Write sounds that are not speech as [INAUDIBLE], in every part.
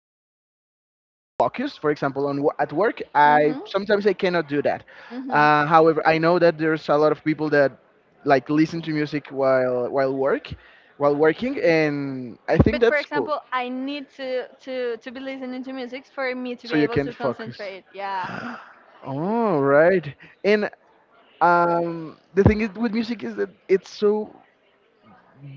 if you have to be like focused, for example, on at work. I Mhm. sometimes I cannot do that. Mhm. However, I know that there's a lot of people that like listen to music while work while working, and I think But for that's cool. example, I need to be listening to music for me to So be you able can to focus. concentrate. Yeah. [GASPS] Oh right. and The thing is with music is that it's so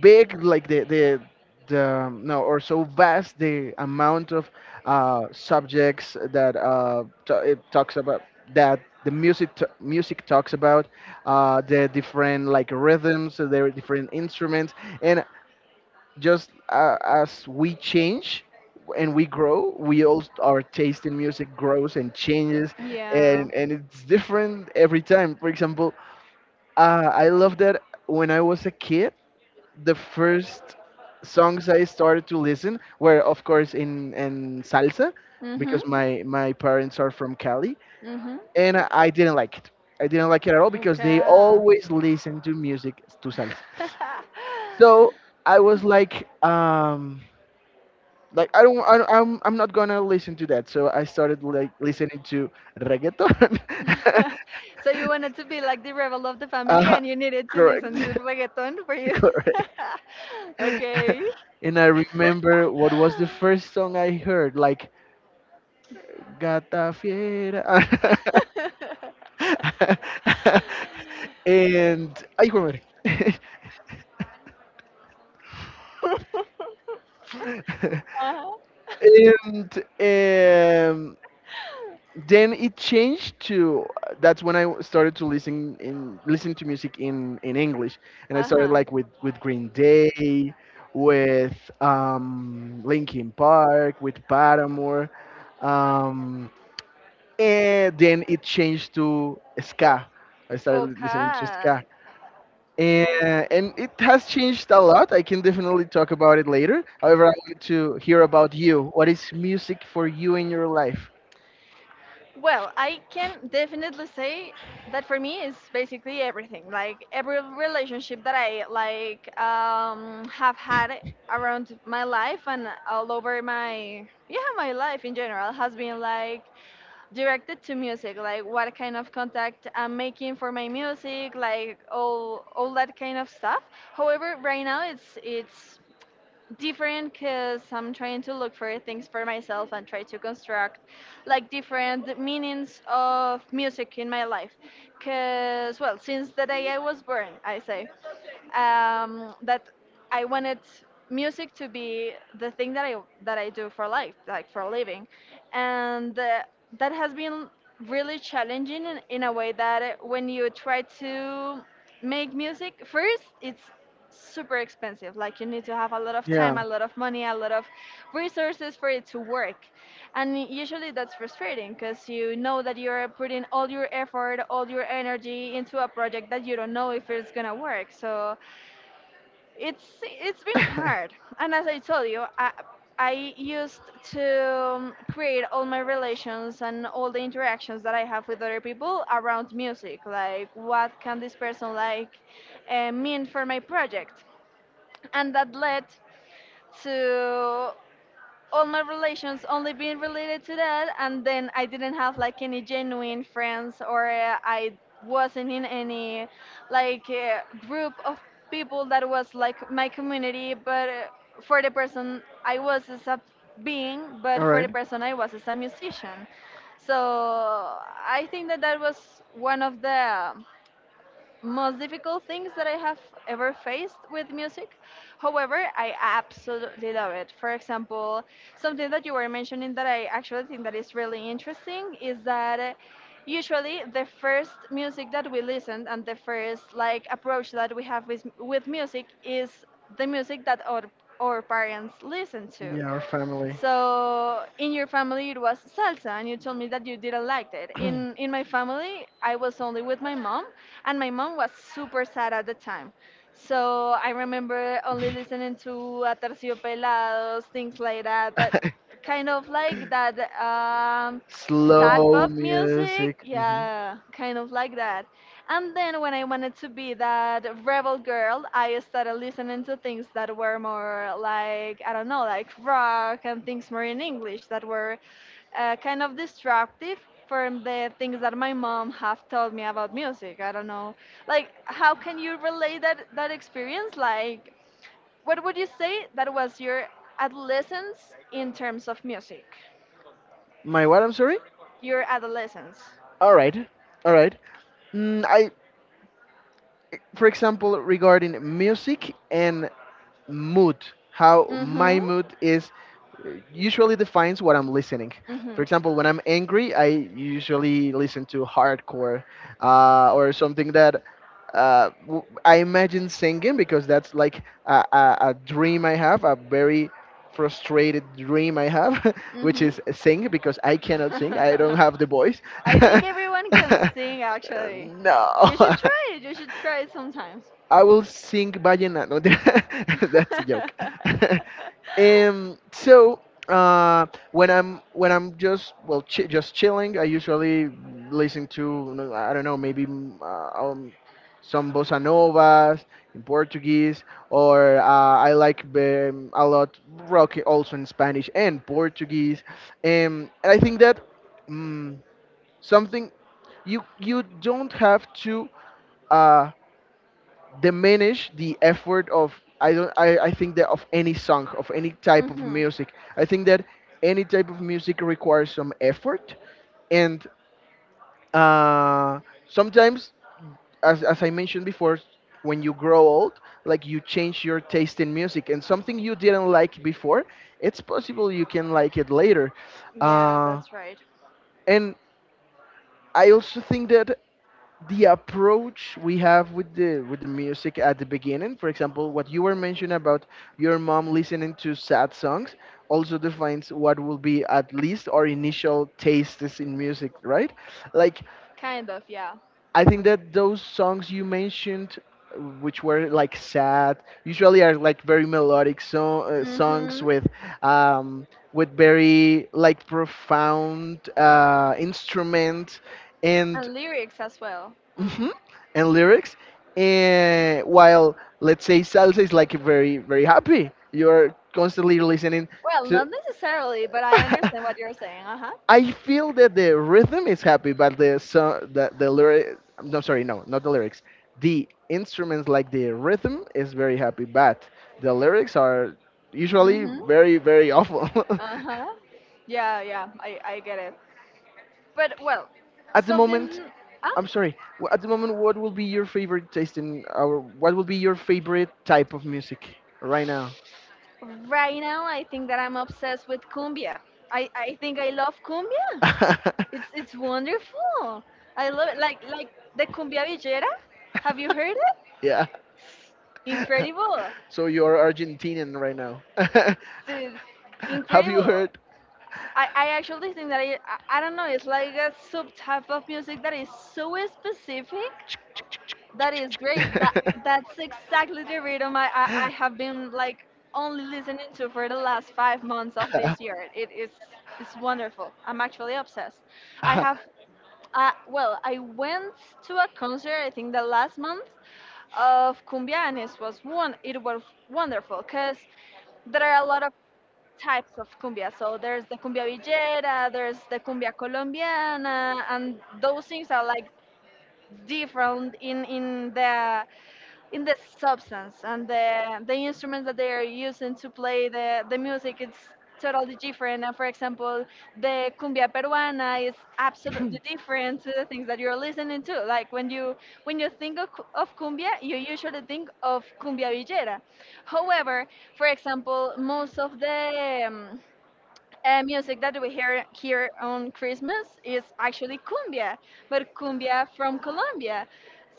big, like the no, or so vast the amount of subjects that it talks about, that music talks about, the different like rhythms, the different instruments. And just as we change and we grow, we all, our taste in music, grows and changes. Yeah. And it's different every time. For example, I love that when I was a kid, the first songs I started to listen were, of course, in salsa, Mhm. because my parents are from Cali, Mhm. and I didn't like it. I didn't like it at all because they Okay. always listen to music to salsa. [LAUGHS] So I was like I, don't- I'm not gonna listen to that. So I started like listening to reggaeton. [LAUGHS] [LAUGHS] So you wanted to be like the rebel of the family, uh, and you needed to Correct. listen to reggaeton for [LAUGHS] you. [LAUGHS] Correct. Okay. [LAUGHS] And I remember what was the first song I heard, like Gata fiera. [LAUGHS] [LAUGHS] And ay, hijo de madre. [LAUGHS] Uh huh. and Then it changed to— that's when I started to listen to music in English, and I Uh started huh. [LAUGHS] like with Green Day, with Linkin Park, with Paramore, um, and then it changed to ska. I started listening to Okay. ska. and, and it has changed a lot. I can definitely talk about it later. However, I wanted to hear about you. What is music for you in your life? Well, I can definitely say that for me is basically everything. Like every relationship that I have had around my life and all over my yeah my life in general has been like directed to music, like what kind of contact I'm making for my music, like all that kind of stuff. However, right now it's different because I'm trying to look for things for myself and try to construct like different meanings of music in my life. Because, well, since the day I was born, I say that I wanted music to be the thing that I do for life, like for a living, and that has been really challenging in a way that when you try to make music first, it's super expensive. Like you need to have a lot of Yeah. time, a lot of money, a lot of resources for it to work. And usually that's frustrating because you know that you're putting all your effort, all your And energy into a project that you don't know if it's gonna work. So it's been as hard. And as I I told told you, you, I socialized I with used to create all my my relationships relations and and all the interactions interactions that that I I have have with with my other friends, and people around it music. Like, led to what can this person like mean for my project? And that led to all my relations only only being being— related to that, and then I didn't have like any genuine friends, or I wasn't in any like group of people that was like my community, but for the person I was as a being, but for the person I was as a musician. So. So I think that that was one of the most difficult things that I have ever faced with music. However, I absolutely love it. For example, something that you were mentioning that I actually think that is really interesting is that usually the first music that we listen and the first like approach that we have with music is the music that our parents listen to. Yeah, our family. So in your family it was salsa, and you told me that you didn't like it. In [LAUGHS] my family, I was only with my mom, and my mom was super sad at the time. So I remember only listening to Aterciopelados, things like that, that [CLEARS THROAT] kind of like that sad Slow pop music. music. Hmm Yeah, kind of like that. And then when I wanted to be that rebel girl, I started listening to things that were more like, I don't know, like rock and things more in English that were kind of disruptive from the things that my mom have told me about music. I don't know. Like, how can you relate that, that experience? Like, what would you say that was your adolescence in terms of music? My what? I'm sorry. Your adolescence. All right. All right. Mm, I For example, regarding music and mood, how my Mm-hmm. mood is usually defines what I'm listening. For Mhm. example, when I'm angry, I usually listen to hardcore, or something that I imagine singing, because that's like a dream I have, a very frustrated dream I have, [LAUGHS] which Mhm. is sing, because I cannot sing. I don't have the voice. [LAUGHS] I think everyone can [LAUGHS] sing actually. No. You should [LAUGHS] try it. You should try it sometimes. I will sing vallenato. [LAUGHS] That's a joke. [LAUGHS] [LAUGHS] um, so when I'm just chilling, I usually listen to— no, I don't know, maybe some bossa novas in Portuguese, or I like a lot rock also in Spanish and Portuguese. And I think that mm something you you don't have to. Uh, diminish the effort of— I don't I think that of any song of any type of Mhm. music. I think that any type of music requires some effort. And uh, sometimes, as I mentioned before, when you grow old, like, you change your taste in music, and something you didn't like before, it's possible you can like it later. Yeah, uh, that's right. and I also think that the approach we have with the music at the beginning, for example, what you were mentioning about your mom listening to sad songs, also defines what will be at least our initial tastes in music, right? Like, Kind of, yeah. I think that those songs you mentioned, which were like sad, usually are like very melodic. So songs Mhm. Um with very like profound instrument, and And lyrics as well. hmm Mm. and lyrics. And while, let's say, salsa is like very, very happy, you're constantly listening Well, to. not necessarily, but I understand what you're [LAUGHS] saying. Uh I feel that the rhythm is happy, but the so the lyric. No, sorry, no, not the lyrics. The instruments, like the rhythm is very happy, but the lyrics are usually huh. very, very awful. [LAUGHS] Uh huh. Yeah, yeah, I get it. But well, At the moment— something. Ah, I'm sorry. At the moment, what will be your favorite taste in our? What will be your favorite type of music right now? right now I think that I'm obsessed with cumbia. I think I love cumbia. It's wonderful. I love it. Like the cumbia [LAUGHS] villera. Have you heard it? Yeah. [LAUGHS] Incredible, So you're Argentinian right now. [LAUGHS] dude. Have you Incredible. heard? I actually think that I don't know. It's like a subtype of music that is so specific. That is great. That that's exactly the rhythm I have been like [LAUGHS] only listening to for the last 5 months of this year. [LAUGHS] It is it's wonderful. I'm actually obsessed. I have well, I went to a concert I think the last month of cumbia, and it was one it was wonderful because there are a lot of types of cumbia. So there's the cumbia villera, there's the cumbia colombiana, and those things are like different in the substance and the instruments that they are using to play the music. It's totally different. And for example, the cumbia peruana is absolutely different to the things that you're listening to, like when you think of, of cumbia, you usually think of cumbia villera. However, for example, most of the music that we hear here on Christmas is actually cumbia, but cumbia from Colombia.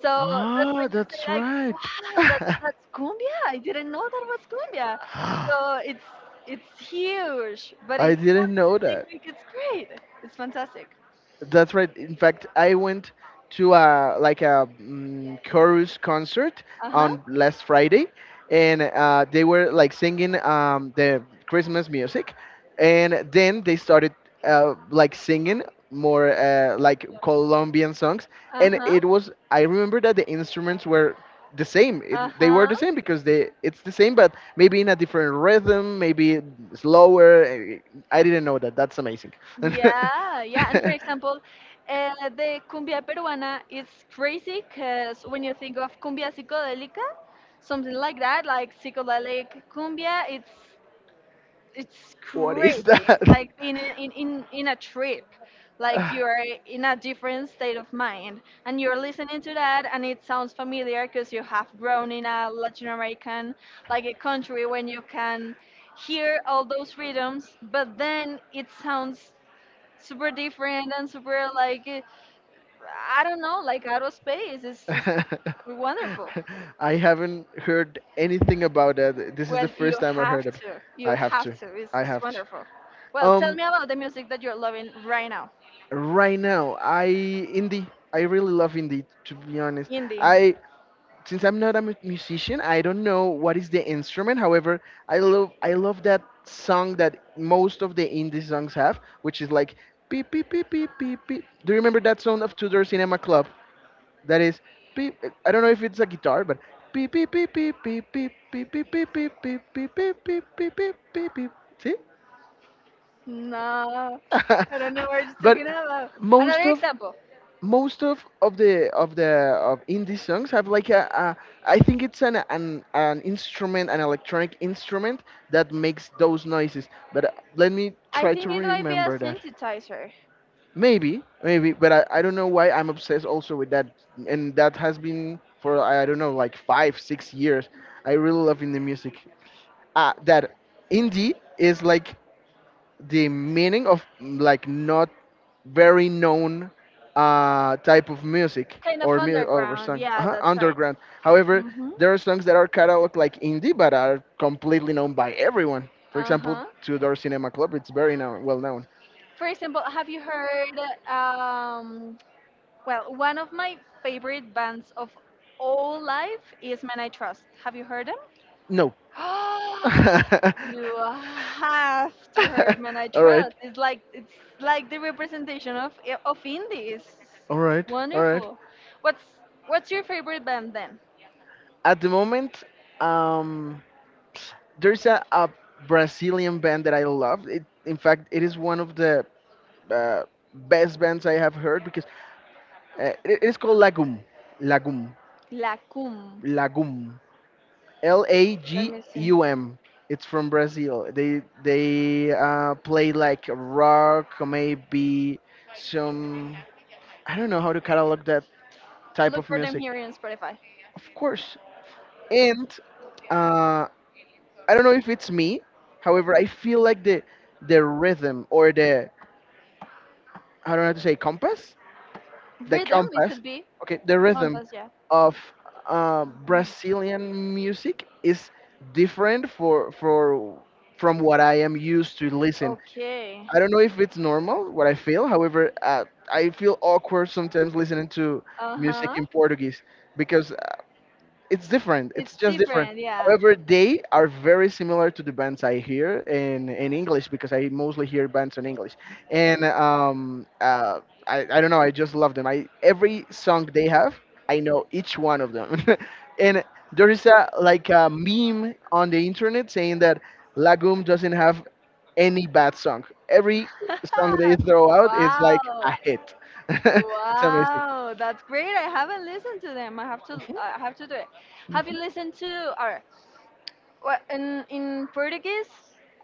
So that's when Ah, you say that's like, right. [GASPS] [LAUGHS] wow, that, I that's cumbia. I didn't know that was cumbia. So it's huge, but it's so didn't know that. specific. It's great. It's fantastic. That's right. In fact, I went to a like a mm chorus concert Uh huh. on last Friday, and they were like singing the Christmas music, and then they started like singing more like Colombian songs, Uh and huh. it was— I remember that the instruments were the same. It, Uh they were huh. the same, because they— it's the same, but maybe in a different rhythm, maybe slower. Eh, I didn't know that. That's amazing. Yeah, yeah. And for example, [LAUGHS] uh, the cumbia peruana is crazy because when you think of cumbia psicodelica, something like that, like psychedelic cumbia, it's What is crazy. It's that? like being in a trip, like you are in [LAUGHS] a different state of mind, and you're listening to that, and it sounds familiar because you have grown in a Latin American, like a country when you can hear all those rhythms, but then it sounds super different and super like I don't know, like aerospace. Is just [LAUGHS] wonderful. I haven't heard anything about that. This is the Well, you first time I have heard it. to, I you have have to. to. I It's have to. wonderful. Well, tell Um, me about the music that you're loving right now, right now, I indie. I really love indie. To be honest, indie. I since I'm not a musician, I don't know what is the instrument. However, I love that song that most of the indie songs have, which is like beep beep beep beep beep beep. Do you remember that song of Tudor Cinema Club? That is beep. I don't know if it's a guitar, but beep beep beep beep beep beep beep beep beep beep beep beep beep beep beep beep beep. See? No, I don't know what you're [LAUGHS] But talking about. most Another of example. most of the of the of indie songs have like a— I think it's an an instrument, an electronic instrument that makes those noises. But let me I try to think it might be a remember that. synthesizer, Maybe, maybe, but I don't know why I'm obsessed also with that, and that has been for, I don't know, like 5 or 6 years. I really love indie music. Ah, that indie is like the meaning of like not very known type of music kind of or underground. song Yeah, that's right. underground. However, hmm there are songs that are cataloged like indie but are completely known by everyone. For Uh example, huh. Tudor Cinema Club, it's very known, well known. For example, have you heard um, well, one of my favorite bands of all life is Men I Trust. Have you heard them? No. [GASPS] [LAUGHS] All You have to heard Men I right. Trust. It's like it's the representation of indie. It's All right. All right. wonderful. What's what's your favorite band then? At the moment, um, there's a Brazilian band that I love. It, in fact, it is one of the uh, best bands I have heard, because it is called Lagum. Lagum. La Cum. Lagum. L A Let G me see. U M. It's from Brazil. They play like rock, maybe some. I don't know how to catalog that type Look of for them music. here in Spotify. Of course. And uh, I don't know if it's me. However, I feel like the rhythm or the— I don't know how to say compass, the Rhythm, it compass, could be. okay, the rhythm Compass, yeah. of Brazilian music is different for from what I am used to listen. Okay. I don't know if it's normal what I feel. However, I feel awkward sometimes listening to Uh music huh. in Portuguese because it's different. It's It's just different. different, yeah. However, they are very similar to the bands I hear in English, because I mostly hear bands in English. And um, uh, I don't know, I just love them. I every song they have, I know each one of them. [LAUGHS] And there is a like a meme on the internet saying that Lagum doesn't have any bad song. Every song they throw [LAUGHS] out is like Wow. a hit. [LAUGHS] It's amazing. Wow, that's great. I haven't listened to them. I have to do it. Have you Mhm. listened to or what in Portuguese?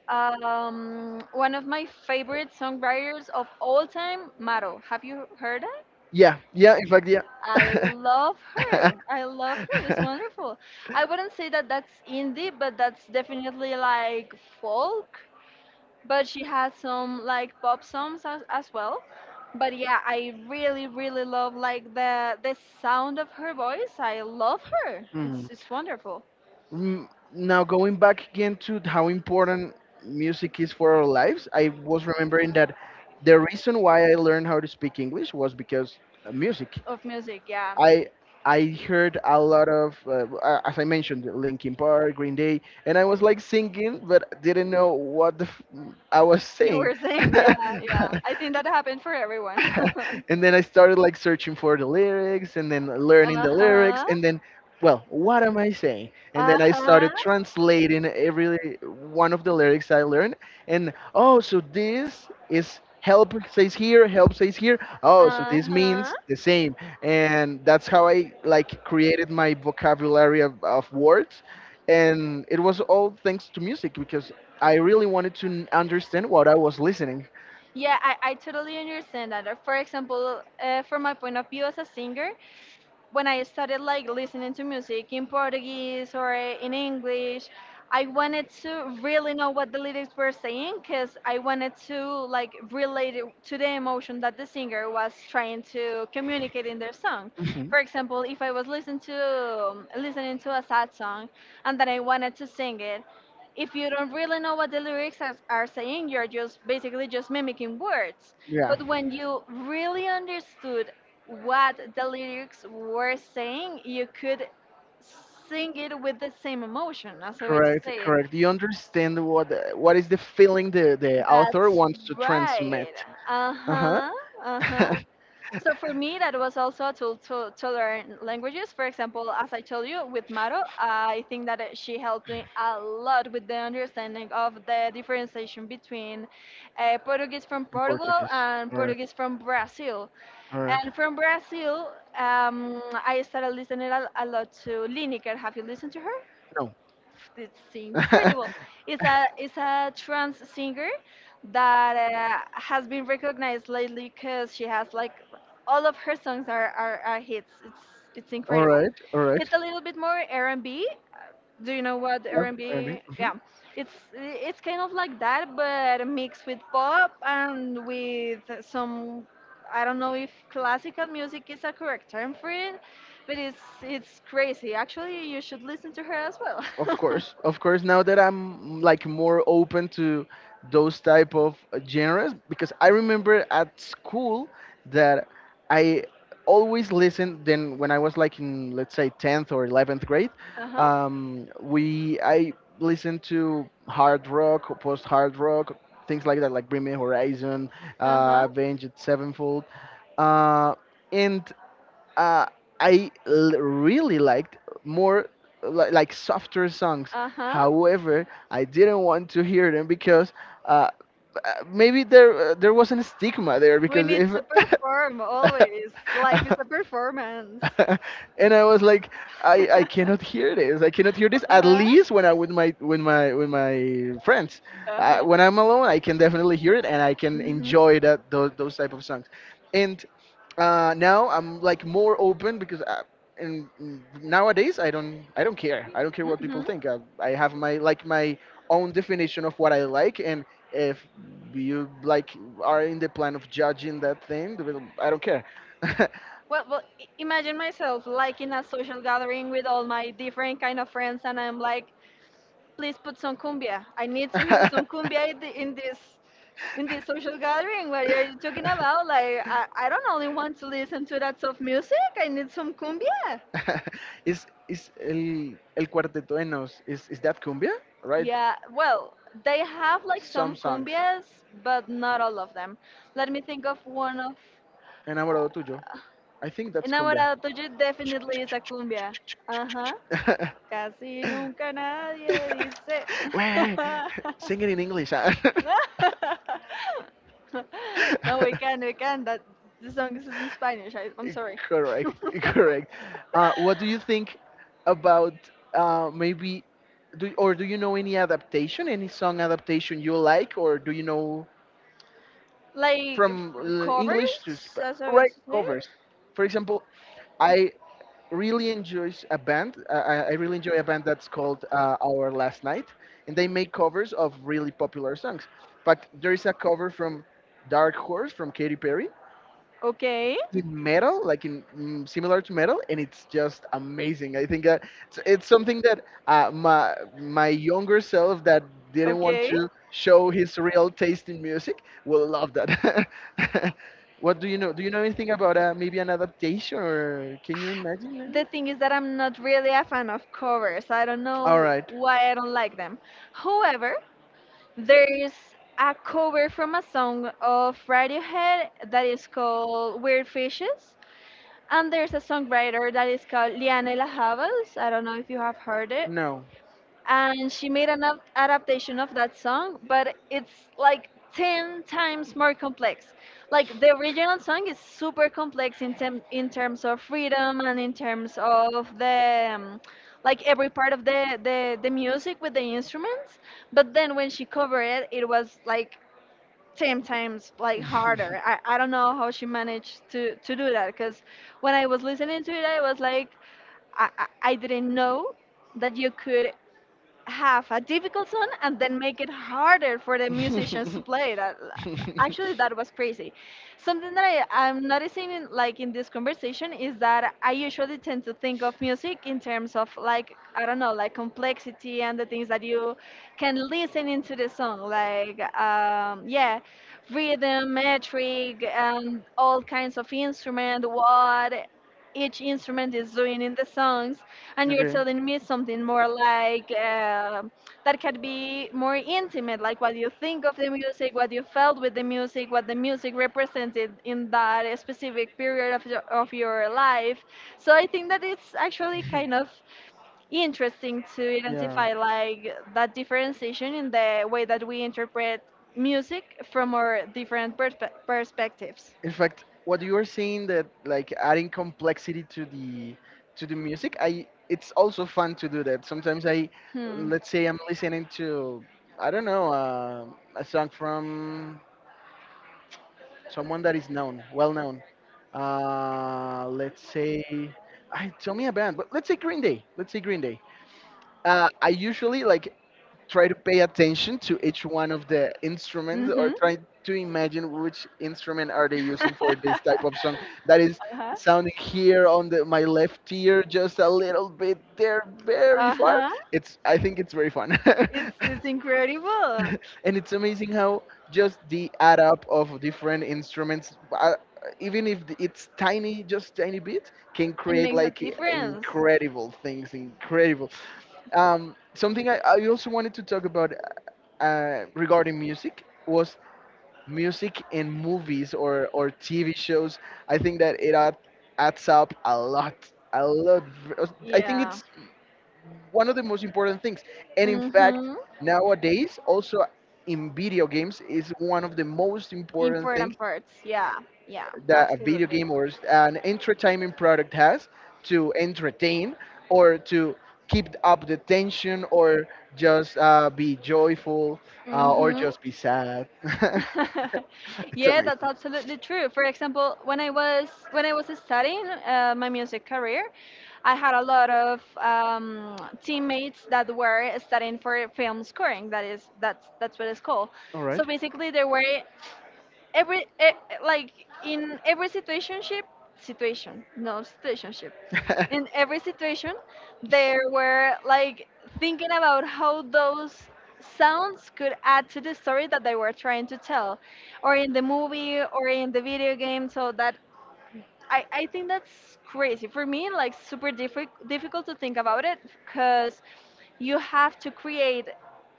One of my favorite songwriters of all time, Maro. Have you heard it? Yeah, yeah, in fact, I yeah. love her. I love her. It's [LAUGHS] [LAUGHS] wonderful. I wouldn't say that that's indie, but that's definitely like folk. But she has some like pop songs as well. But yeah, I really, really love like the sound of her voice. I love her. Hmm. It's wonderful. Mm, now going back again to how important music is for our lives, I was remembering that the reason why I learned how to speak English was because of music. Of music, yeah. I I heard a lot of, as I mentioned, Linkin Park, Green Day, and I was like singing, but didn't know what the I was You saying. were saying, yeah, yeah. I [LAUGHS] think that happened for everyone. [LAUGHS] [LAUGHS] And then I started like searching for the lyrics and then learning Uh the lyrics huh. and then, well, what am I saying? And Uh then I huh. started translating every one of the lyrics I learned, and oh, so this is help says here, help says here. Oh, so this Uh-huh. means the same. And that's how I like created my vocabulary of words, and it was all thanks to music because I really wanted to understand what I was listening. Yeah, I totally understand that. For example, from my point of view as a singer, when I started like listening to music in Portuguese or in English, I wanted to really know what the lyrics were saying because I wanted to like relate it to the emotion that the singer was trying to communicate in their song. Mhm. For example, if I was listening to a sad song and then I wanted to sing it, if you don't really know what the lyrics are saying, you're just basically just mimicking words. Yeah. But when you really understood what the lyrics were saying, you could sing it with the same emotion. That's the way to Correct, say it. correct. You understand what is the feeling the author That's wants to right. transmit. Uh Uh-huh. huh. Uh huh. [LAUGHS] So for me, that was also a tool to learn languages. For example, as I told you with Maro, I think that she helped me a lot with the understanding of the differentiation between Portuguese from In Portugal Portuguese. and All right. Portuguese from Brazil. All right. And from Brazil, I started listening a lot to Lineker. Have you listened to her? No. It's [LAUGHS] incredible. It's a trans singer that has been recognized lately because she has like all of her songs are hits. It's All incredible. right. All right. It's a little bit more R&B. Do you know what Yeah, maybe. R&B? Mhm. Yeah, it's kind of like that, but mixed with pop and with some. I don't know if classical music is a correct term for it, but it's crazy. Actually, you should listen to her as well. Of [LAUGHS] course, of course. Now that I'm like more open to those type of genres. Because I remember at school that I always listened. Then when I was like in, let's say, tenth or eleventh grade, Uh-huh. We I listened to hard rock, post hard rock, things like that, like Bring Me Horizon, Uh-huh. Avenged Sevenfold, uh, and uh, really liked more like softer songs. Uh-huh. However, I didn't want to hear them because uh, uh, maybe there there was a stigma there We because need if to perform always. [LAUGHS] Life is a performance. and I was like, I cannot [LAUGHS] hear this. I cannot hear this. At Uh-huh. least when I with my friends, Uh-huh. when I'm alone, I can definitely hear it and I can Mm-hmm. enjoy that those type of songs. And now I'm like more open because nowadays, I don't care what people Mm-hmm. think. I have my like my own definition of what I like, and if you like are in the plan of judging that thing, well, I don't care. Imagine myself like in a social gathering with all my different kind of friends, and I'm like, please put some [LAUGHS] [LAUGHS] cumbia. I need to hear some cumbia in, the, in this social gathering where you're talking about. Like I don't only want to listen to that soft music. I need some cumbia. Is el cuarteto de Nos? Is that cumbia? Right? Yeah, well, they have like Some some songs. cumbias, but not all of them. Cumbias. Let me think of one of Enamorado tuyo. uh, I think that's cumbia. Enamorado Tuyo definitely is a cumbia. Uh huh. [LAUGHS] Casi nunca nadie dice. Wait, [LAUGHS] [LAUGHS] sing it in English. Huh? No, we can, we [LAUGHS] can. That the song is in Spanish. I'm sorry. Correct, [LAUGHS] correct. What do you [LAUGHS] think about maybe, do, or do you know any adaptation, any song adaptation you like, or do you know like from f- Covers, English to as I would say. covers? For example, I I really enjoy a band that's called Our Last Night, and they make covers of really popular songs. But there is a cover from Dark Horse from Katy Perry Okay. in metal, like in similar to metal, and it's just amazing. I think it's something that my younger self that didn't want Okay. to show his real taste in music will love that. [LAUGHS] What do you know? Do you know anything about maybe an adaptation, or can you imagine? The Maybe? thing is that I'm not really a fan of covers. I don't All know right. why I don't like them. However, there is a cover from a song of Radiohead that is called Weird Fishes. And there's a songwriter that is called Lianela Havels. I don't know if you have heard it. No. And she made an adaptation of that song, but it's like 10 times more complex. Like the original song is super complex in terms of freedom and in terms of the, like every part of the music with the instruments, but then when she covered it, it was like sometimes [LAUGHS] like harder. did I don't know how she managed to do that, because when I was listening to it, I was like, I didn't know that you could have a difficult song and then make it harder for the [LAUGHS] musicians to play that. Actually, Actually, that [LAUGHS] was crazy. Something that I'm noticing like in this conversation is that I usually tend to think of music in terms of, like, I don't know, like complexity and the things that you can listen into the song, like yeah, rhythm metric and all kinds of instrument, what each instrument is doing in the songs. And you're okay. [LAUGHS] telling me something more like that could be more intimate, like what you think of the music, what you felt with the music, what the music represented in that specific period of of your life. So I think that it's actually kind of interesting to Yeah. identify like that differentiation in the way that we interpret music from our different perspectives. In fact, what you are saying, that like adding complexity to the music, I it's also fun to do that. Hmm. Let's say I'm listening to, I don't know, a song from someone that is known, well known. Uh, let's say, Tell me a band, but let's say Green Day. Let's say Green Day. I usually like try to pay attention to each one of the instruments, or Mm-hmm. try to imagine which instrument are they using for this [LAUGHS] type of song that is Uh-huh. sounding here on my left ear, just a little bit there, very far. Uh-huh. It's I think it's very fun. It's [LAUGHS] incredible. And it's amazing how just the add up of different instruments, even if it's tiny, just tiny bit, can It create makes a like difference. incredible things, incredible. Um, something I also wanted to talk about regarding music was music in movies or TV shows. I think that it adds up a lot, a lot. V- I think Yeah. it's one of the most important things. And in fact, Mm-hmm. nowadays, also in video games, is one of the most important things Important parts. Yeah. Yeah. that a video Absolutely. game or an entertainment product has to entertain or to keep up the tension or just be joyful or Mm-hmm. just be sad. [LAUGHS] [LAUGHS] It's Yeah, that's amazing. absolutely true. For example, when I was studying my music career, I had a lot of teammates that were studying for film scoring. That is that's what it's called. All So right. basically, they were every e- like in every situationship situation no situationship, [LAUGHS] in every situation, they were like thinking about how those sounds could add to the story that they were trying to tell, or in the movie or in the video game. So that I think that's crazy for me, like super difficult to think about it, because you have to create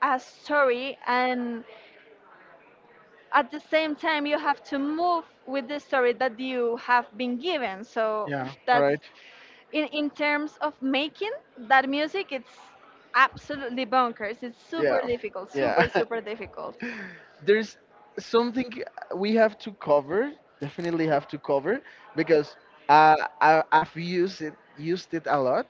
a story, and at the same time you have to move with the story that you have been given. So Yeah, [LAUGHS] right. that's in terms of making that music, it's absolutely bonkers. It's Yeah, super difficult, yeah. super [LAUGHS] super difficult. [GASPS] There's something we have to cover, definitely have to cover, because I've used it a lot.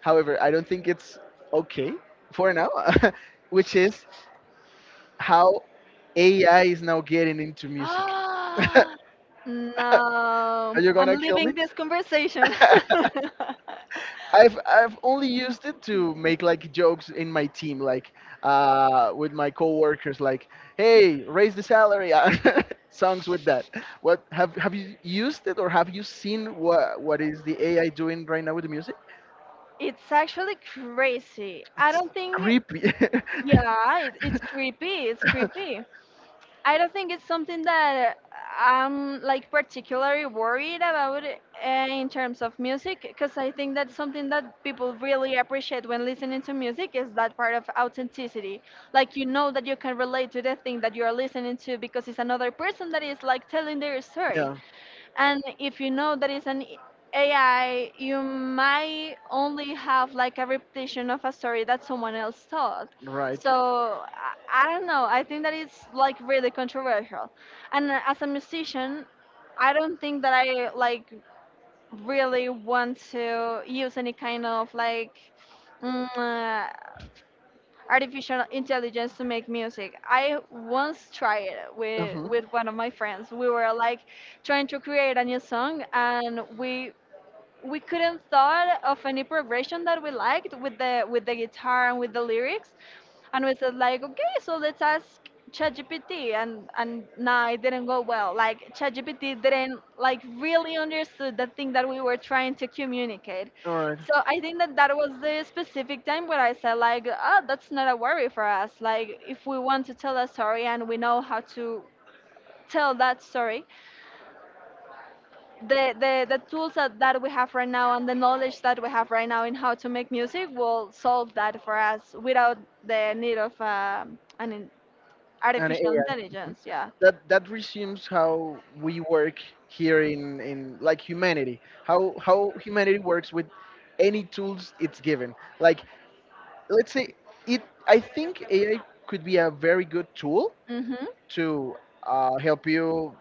However, I don't think it's okay for now, [LAUGHS] which is how AI is now getting into music. [LAUGHS] Are No, you I'm gonna kill me? leaving this conversation. [LAUGHS] I've only used it to make like jokes in my team, like with my coworkers, like "Hey, raise the salary." [LAUGHS] Songs with that. What have you used it, or have you seen what is the AI doing right now with the music? It's actually crazy. I It's don't think, creepy. yeah, it's creepy. It's [LAUGHS] creepy. I don't think it's something that I'm like particularly worried about in terms of music, because I think that's something that people really appreciate when listening to music is that part of authenticity. Like you know that you can relate to the thing that you are listening to because it's another person that is like telling their story. Yeah. And if you know that it's an AI, you might only have like a repetition of a story that someone else told. Right. So I don't know. I think that it's like really controversial. And as a musician, I don't think that I like really want to use any kind of like mm, uh, artificial intelligence to make music. I once tried it Uh-huh. with one of my friends. We were like trying to create a new song, and we couldn't thought of any progression that we liked with the guitar and with the lyrics. And we said like, okay, so let's ask ChatGPT, and nah, it didn't go well. Like ChatGPT didn't like really understood the thing that we were trying to communicate. All right. So I think that that was the specific time where I said like, ah, that's not a worry for us. Like if we want to tell a story and we know how to tell that story, the tools that, that we have right now and the knowledge that we have right now in how to make music will solve that for us without the need of an, And artificial AI. Mhm. intelligence, yeah. That that resumes how we work here in like humanity. How humanity works with any tools it's given. Like let's say it. I think AI could be a very good tool Mm-hmm. to help you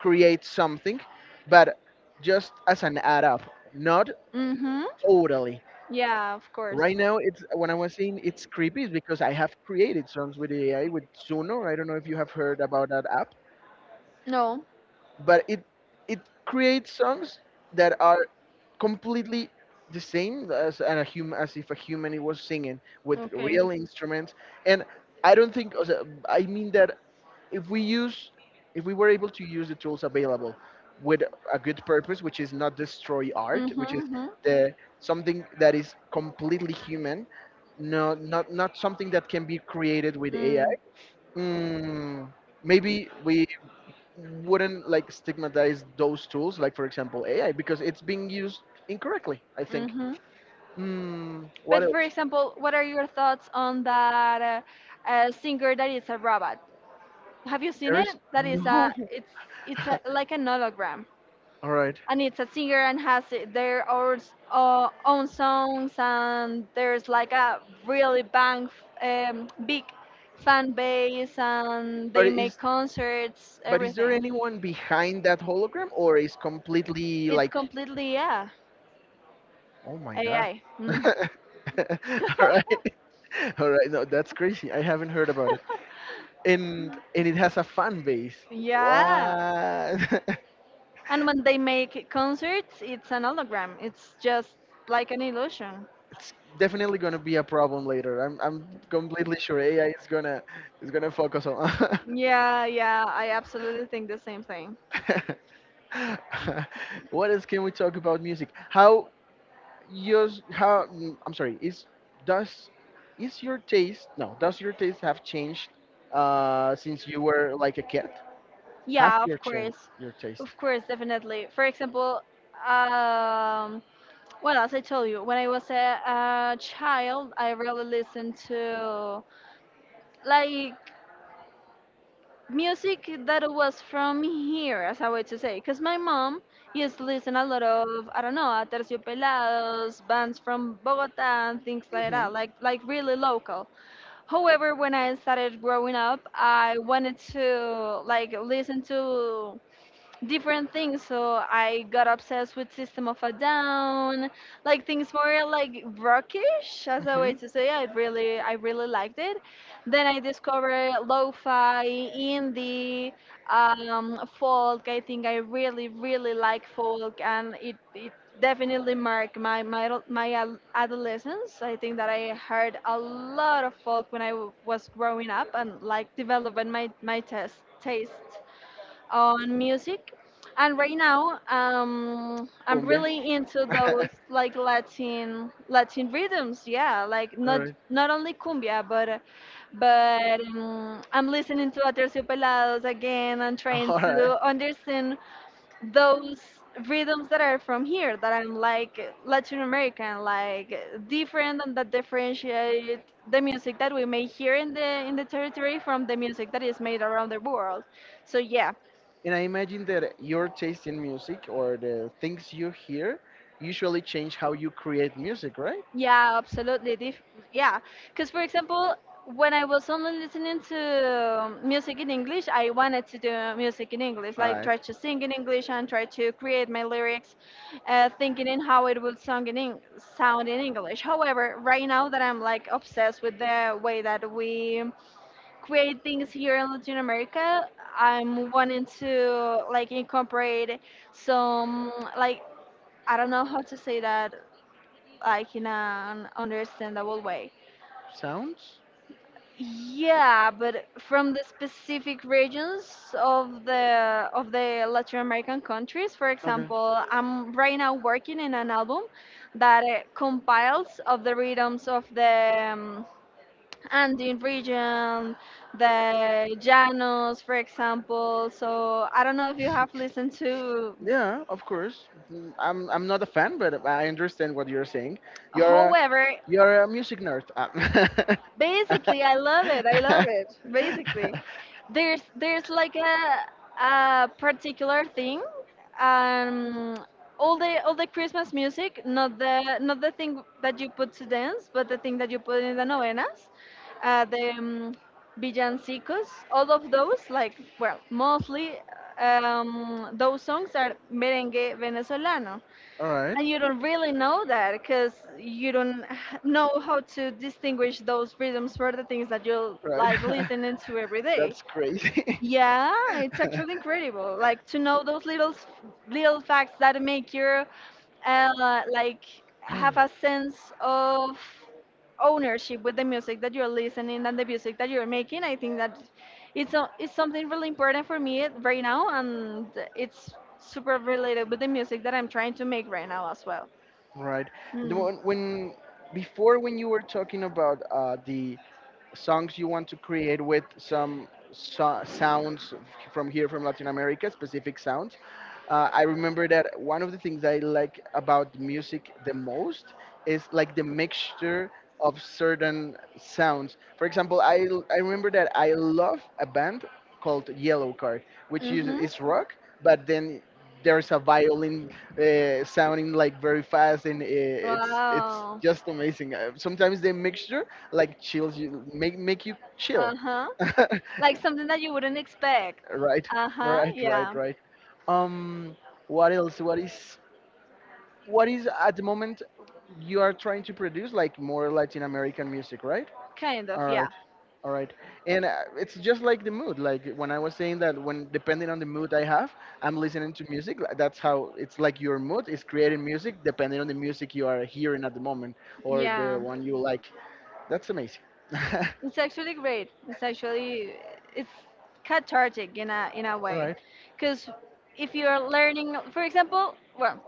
create something, but just as an add up, not Mm-hmm. totally. Yeah, of course. Right now, it's when I was saying it's creepy, is because I have created songs with AI with Zuno. I don't know if you have heard about that app, No. but it creates songs that are completely the same as and a human, as if a human it was singing with Okay. real instruments. And I don't think o sea, I mean that if we use if we were able to use the tools available with a good purpose, which is not destroy art, Mm-hmm. which is Mm-hmm. the something that is completely human, no, not not something that can be created with AI, Mm, mm, maybe we wouldn't like stigmatize those tools, like for example AI, because it's being used incorrectly, I think. mm-hmm. Mm, what But for else? example, what are your thoughts on that singer that is a robot? Have you seen There it? is That is no. a it's a, [LAUGHS] like an hologram. All right, And it's a singer and has their own, own songs, and there's like a really big fan base, and but they make is concerts, but is there everything. anyone behind that hologram, or is completely It's like? completely, yeah, Oh my god. AI. Mm. [LAUGHS] All [LAUGHS] right. [LAUGHS] All right, no, that's crazy. I haven't heard about it, and it has a fan base. Yeah. What? [LAUGHS] And when they make concerts, it's an hologram. It's just like an illusion. It's definitely gonna be a problem later. I'm completely sure AI is gonna focus on. [LAUGHS] Yeah, yeah, I absolutely think the same thing. What else can we talk about music? How yours? How I'm sorry. Is does is your taste, no? Does your taste have changed since you were like a kid? Have Yeah, your of changed course. your taste? Of course, definitely. For example, um, well, as I told you, when I was a child, I really listened to like music that was from here, as I would to say, because my mom used to listen a lot of, I don't know, Aterciopelados, bands from Bogota, and things like that, like really local. However, when I started growing up, I wanted to like listen to different things. So I got obsessed with System of a Down, like things more like rockish, Hmm, as a way hmm. to say. I really liked it. Then I discovered lo-fi, indie, folk. I think I really really like folk, and it definitely marked my adolescence. I think that I heard a lot of folk when I was growing up, and like developing my my test taste on music. And right now, I'm Cumbia. really into [LAUGHS] those like Latin Latin rhythms. Yeah, like All not right. not only cumbia, but I'm listening to Aterciopelados again and trying All right. to understand those rhythms that are from here, that I'm like Latin American, like different, and that differentiate the music that we make here in the territory from the music that is made around the world. So yeah. And I imagine that your taste in music, or the things you hear, usually change how you create music, right? Yeah, absolutely. Yeah, because for example, when I was only listening to music in English, I wanted to do music in English, All like right. try to sing in English and try to create my lyrics, thinking in how it would sound in sound in English. However, right now that I'm like obsessed with the way that we create things here in Latin America, I'm wanting to like incorporate some like I don't know how to say that, like in an understandable way. Sounds? Yeah, but from the specific regions of the Latin American countries, for Okay. example, I'm right now working in an album that compiles of the rhythms of the Andean region, the Llanos, for example. So I don't know if you have listened to, Yeah, of course. Mm, I'm not a fan, but I understand what you're saying. You're a however, you're a music nerd. Basically, I love it. I love it. Basically, [LAUGHS] there's like a particular thing. Um, all the Christmas music, not the not the thing that you put to dance, but the thing that you put in the novenas, the villancicos, all of those. Like well, mostly those songs are merengue venezolano. all right, And you don't really know that because you don't know how to distinguish those rhythms for the things that you're right. like listening to every [LAUGHS] day. That's crazy. Yeah, it's actually [LAUGHS] incredible. Like to know those little little facts that make you like have a sense of ownership with the music that you're listening and the music that you're making. I think that it's a, it's something really important for me right now, and it's super related with the music that I'm trying to make right now as well. Right. The Mm. one when before when you were talking about the songs you want to create with some sounds from here, from Latin America, specific sounds. I remember that one of the things I like about music the most is like the mixture of certain sounds. For example, I remember that I love a band called Yellow Card, which uses Mhm. is rock, but then there's a violin sounding like very fast, and it's Wow. just amazing. Sometimes the mixture like chills you, make you chill. Uh-huh. [LAUGHS] Like something that you wouldn't expect. Right, Uh-huh. right, right, Yeah. Um, what else, what is at the moment you are trying to produce, like more Latin American music, right? Kind All of, right. yeah. All right. And it's just like the mood. Like when I was saying that, when depending on the mood I have, I'm listening to music. That's how it's like your mood is creating music depending on the music you are hearing at the moment, or the Yeah. one you like. That's amazing. [LAUGHS] All It's actually great. It's actually it's cathartic in a way. right. Cuz if you're learning, for example, well,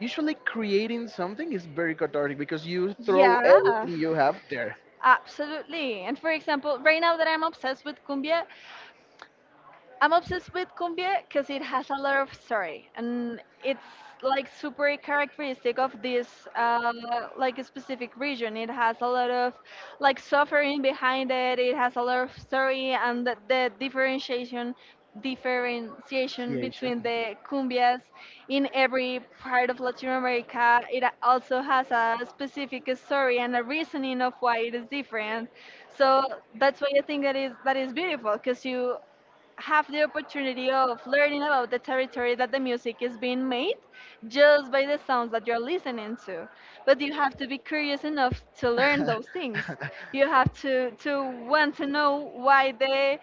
Usually creating something is very cathartic because you throw yeah, everything you have there. absolutely. And for example, right now that I'm obsessed with cumbia, I'm obsessed with cumbia because it has a lot of story, and it's like super characteristic of this like a specific region. It has a lot of like suffering behind it. It has a lot of story, and the differentiation Creation. between the cumbias in every part of Latin America. It also has a specific story and a reasoning of why it is different. So that's why I think that is beautiful, because you [LAUGHS] have the opportunity of learning about the territory that the music is being made, just by the sounds that you're listening to. But you have to be curious enough to learn those things. You have to want to know why the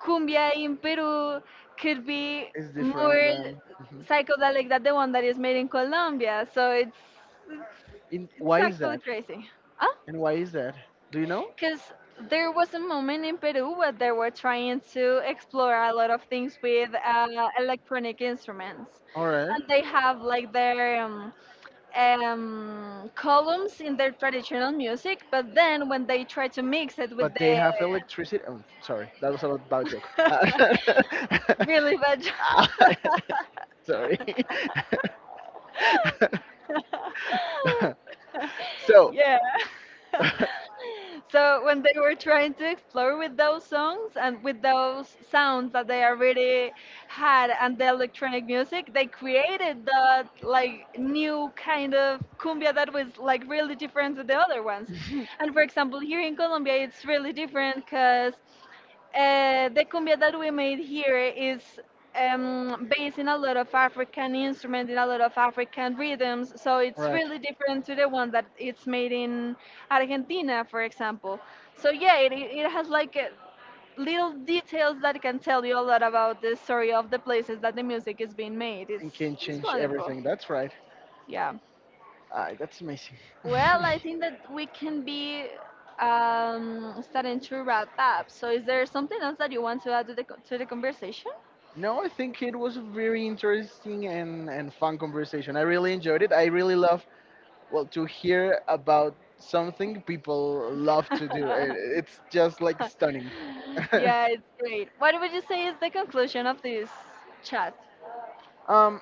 cumbia in Peru could be It's more different than. Mhm. psychedelic than the one that is made in Colombia. So it's, In why it's is actually that? crazy. Huh? And why is that? Do you know? Because there was a moment in Peru where they were trying to explore a lot of things with electronic instruments. All right. And they have like their columns in their traditional music, but then when they try to mix it with But they the have electricity. Oh, sorry, that was a bad joke. [LAUGHS] [LAUGHS] Really bad. Job. sorry. [LAUGHS] [LAUGHS] So, Yeah. [LAUGHS] [LAUGHS] So when they were trying to explore with those songs and with those sounds that they already had and the electronic music, they created that like new kind of cumbia that was like really different to the other ones. And for example, here in Colombia, it's really different because the cumbia that we made here is based in a lot of African instruments, in a lot of African rhythms. So it's right. really different to the one that it's made in Argentina, for example. So yeah, it it has like little details that can tell you a lot about the story of the places that the music is being made. And can It's change wonderful. everything. That's right. Yeah. Ah, that's amazing. Well, I think that we can be starting to wrap up. So, is there something else that you want to add to the to the conversation? [LAUGHS] No, I think it was a very interesting and fun conversation. I really enjoyed it. I really love, well, to hear about something people love to do. [LAUGHS] It's just like stunning. Yeah, it's great. What would you say is the conclusion of this chat? [LAUGHS] Um,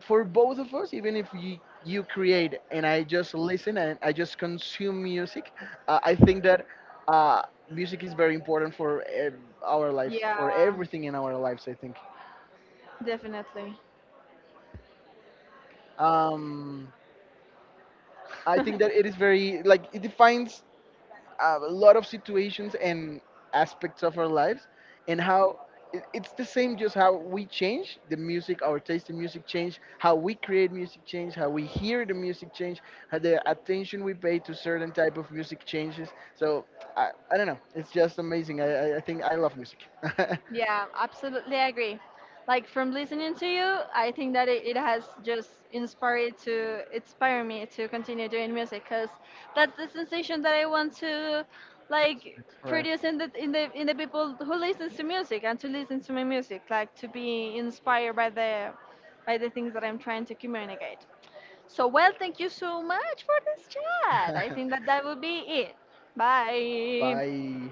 for both of us, even if you, you create and I just listen and I just consume music, I think that uh, music is very important for our lives, for Yeah, everything in our lives, I think. definitely. Um, I think that [LAUGHS] it is very like it defines a lot of situations and aspects of our lives, and how it- it's the same. Just how we change the music, our taste in music change, how we create music change, how we hear the music change, how the attention we pay to certain type of music changes. So I don't know, it's just amazing. I think I love music. [LAUGHS] Yeah, absolutely agree. Like from listening to you, I think that it has just inspire me to continue doing music, because that's the sensation that I want to like Right. produce in the in the in the people who listens to music and to listen to my music, like to be inspired by the things that I'm trying to communicate. So well, thank you so much for this chat. I [LAUGHS] Right. think that that will be it. Bye. Bye.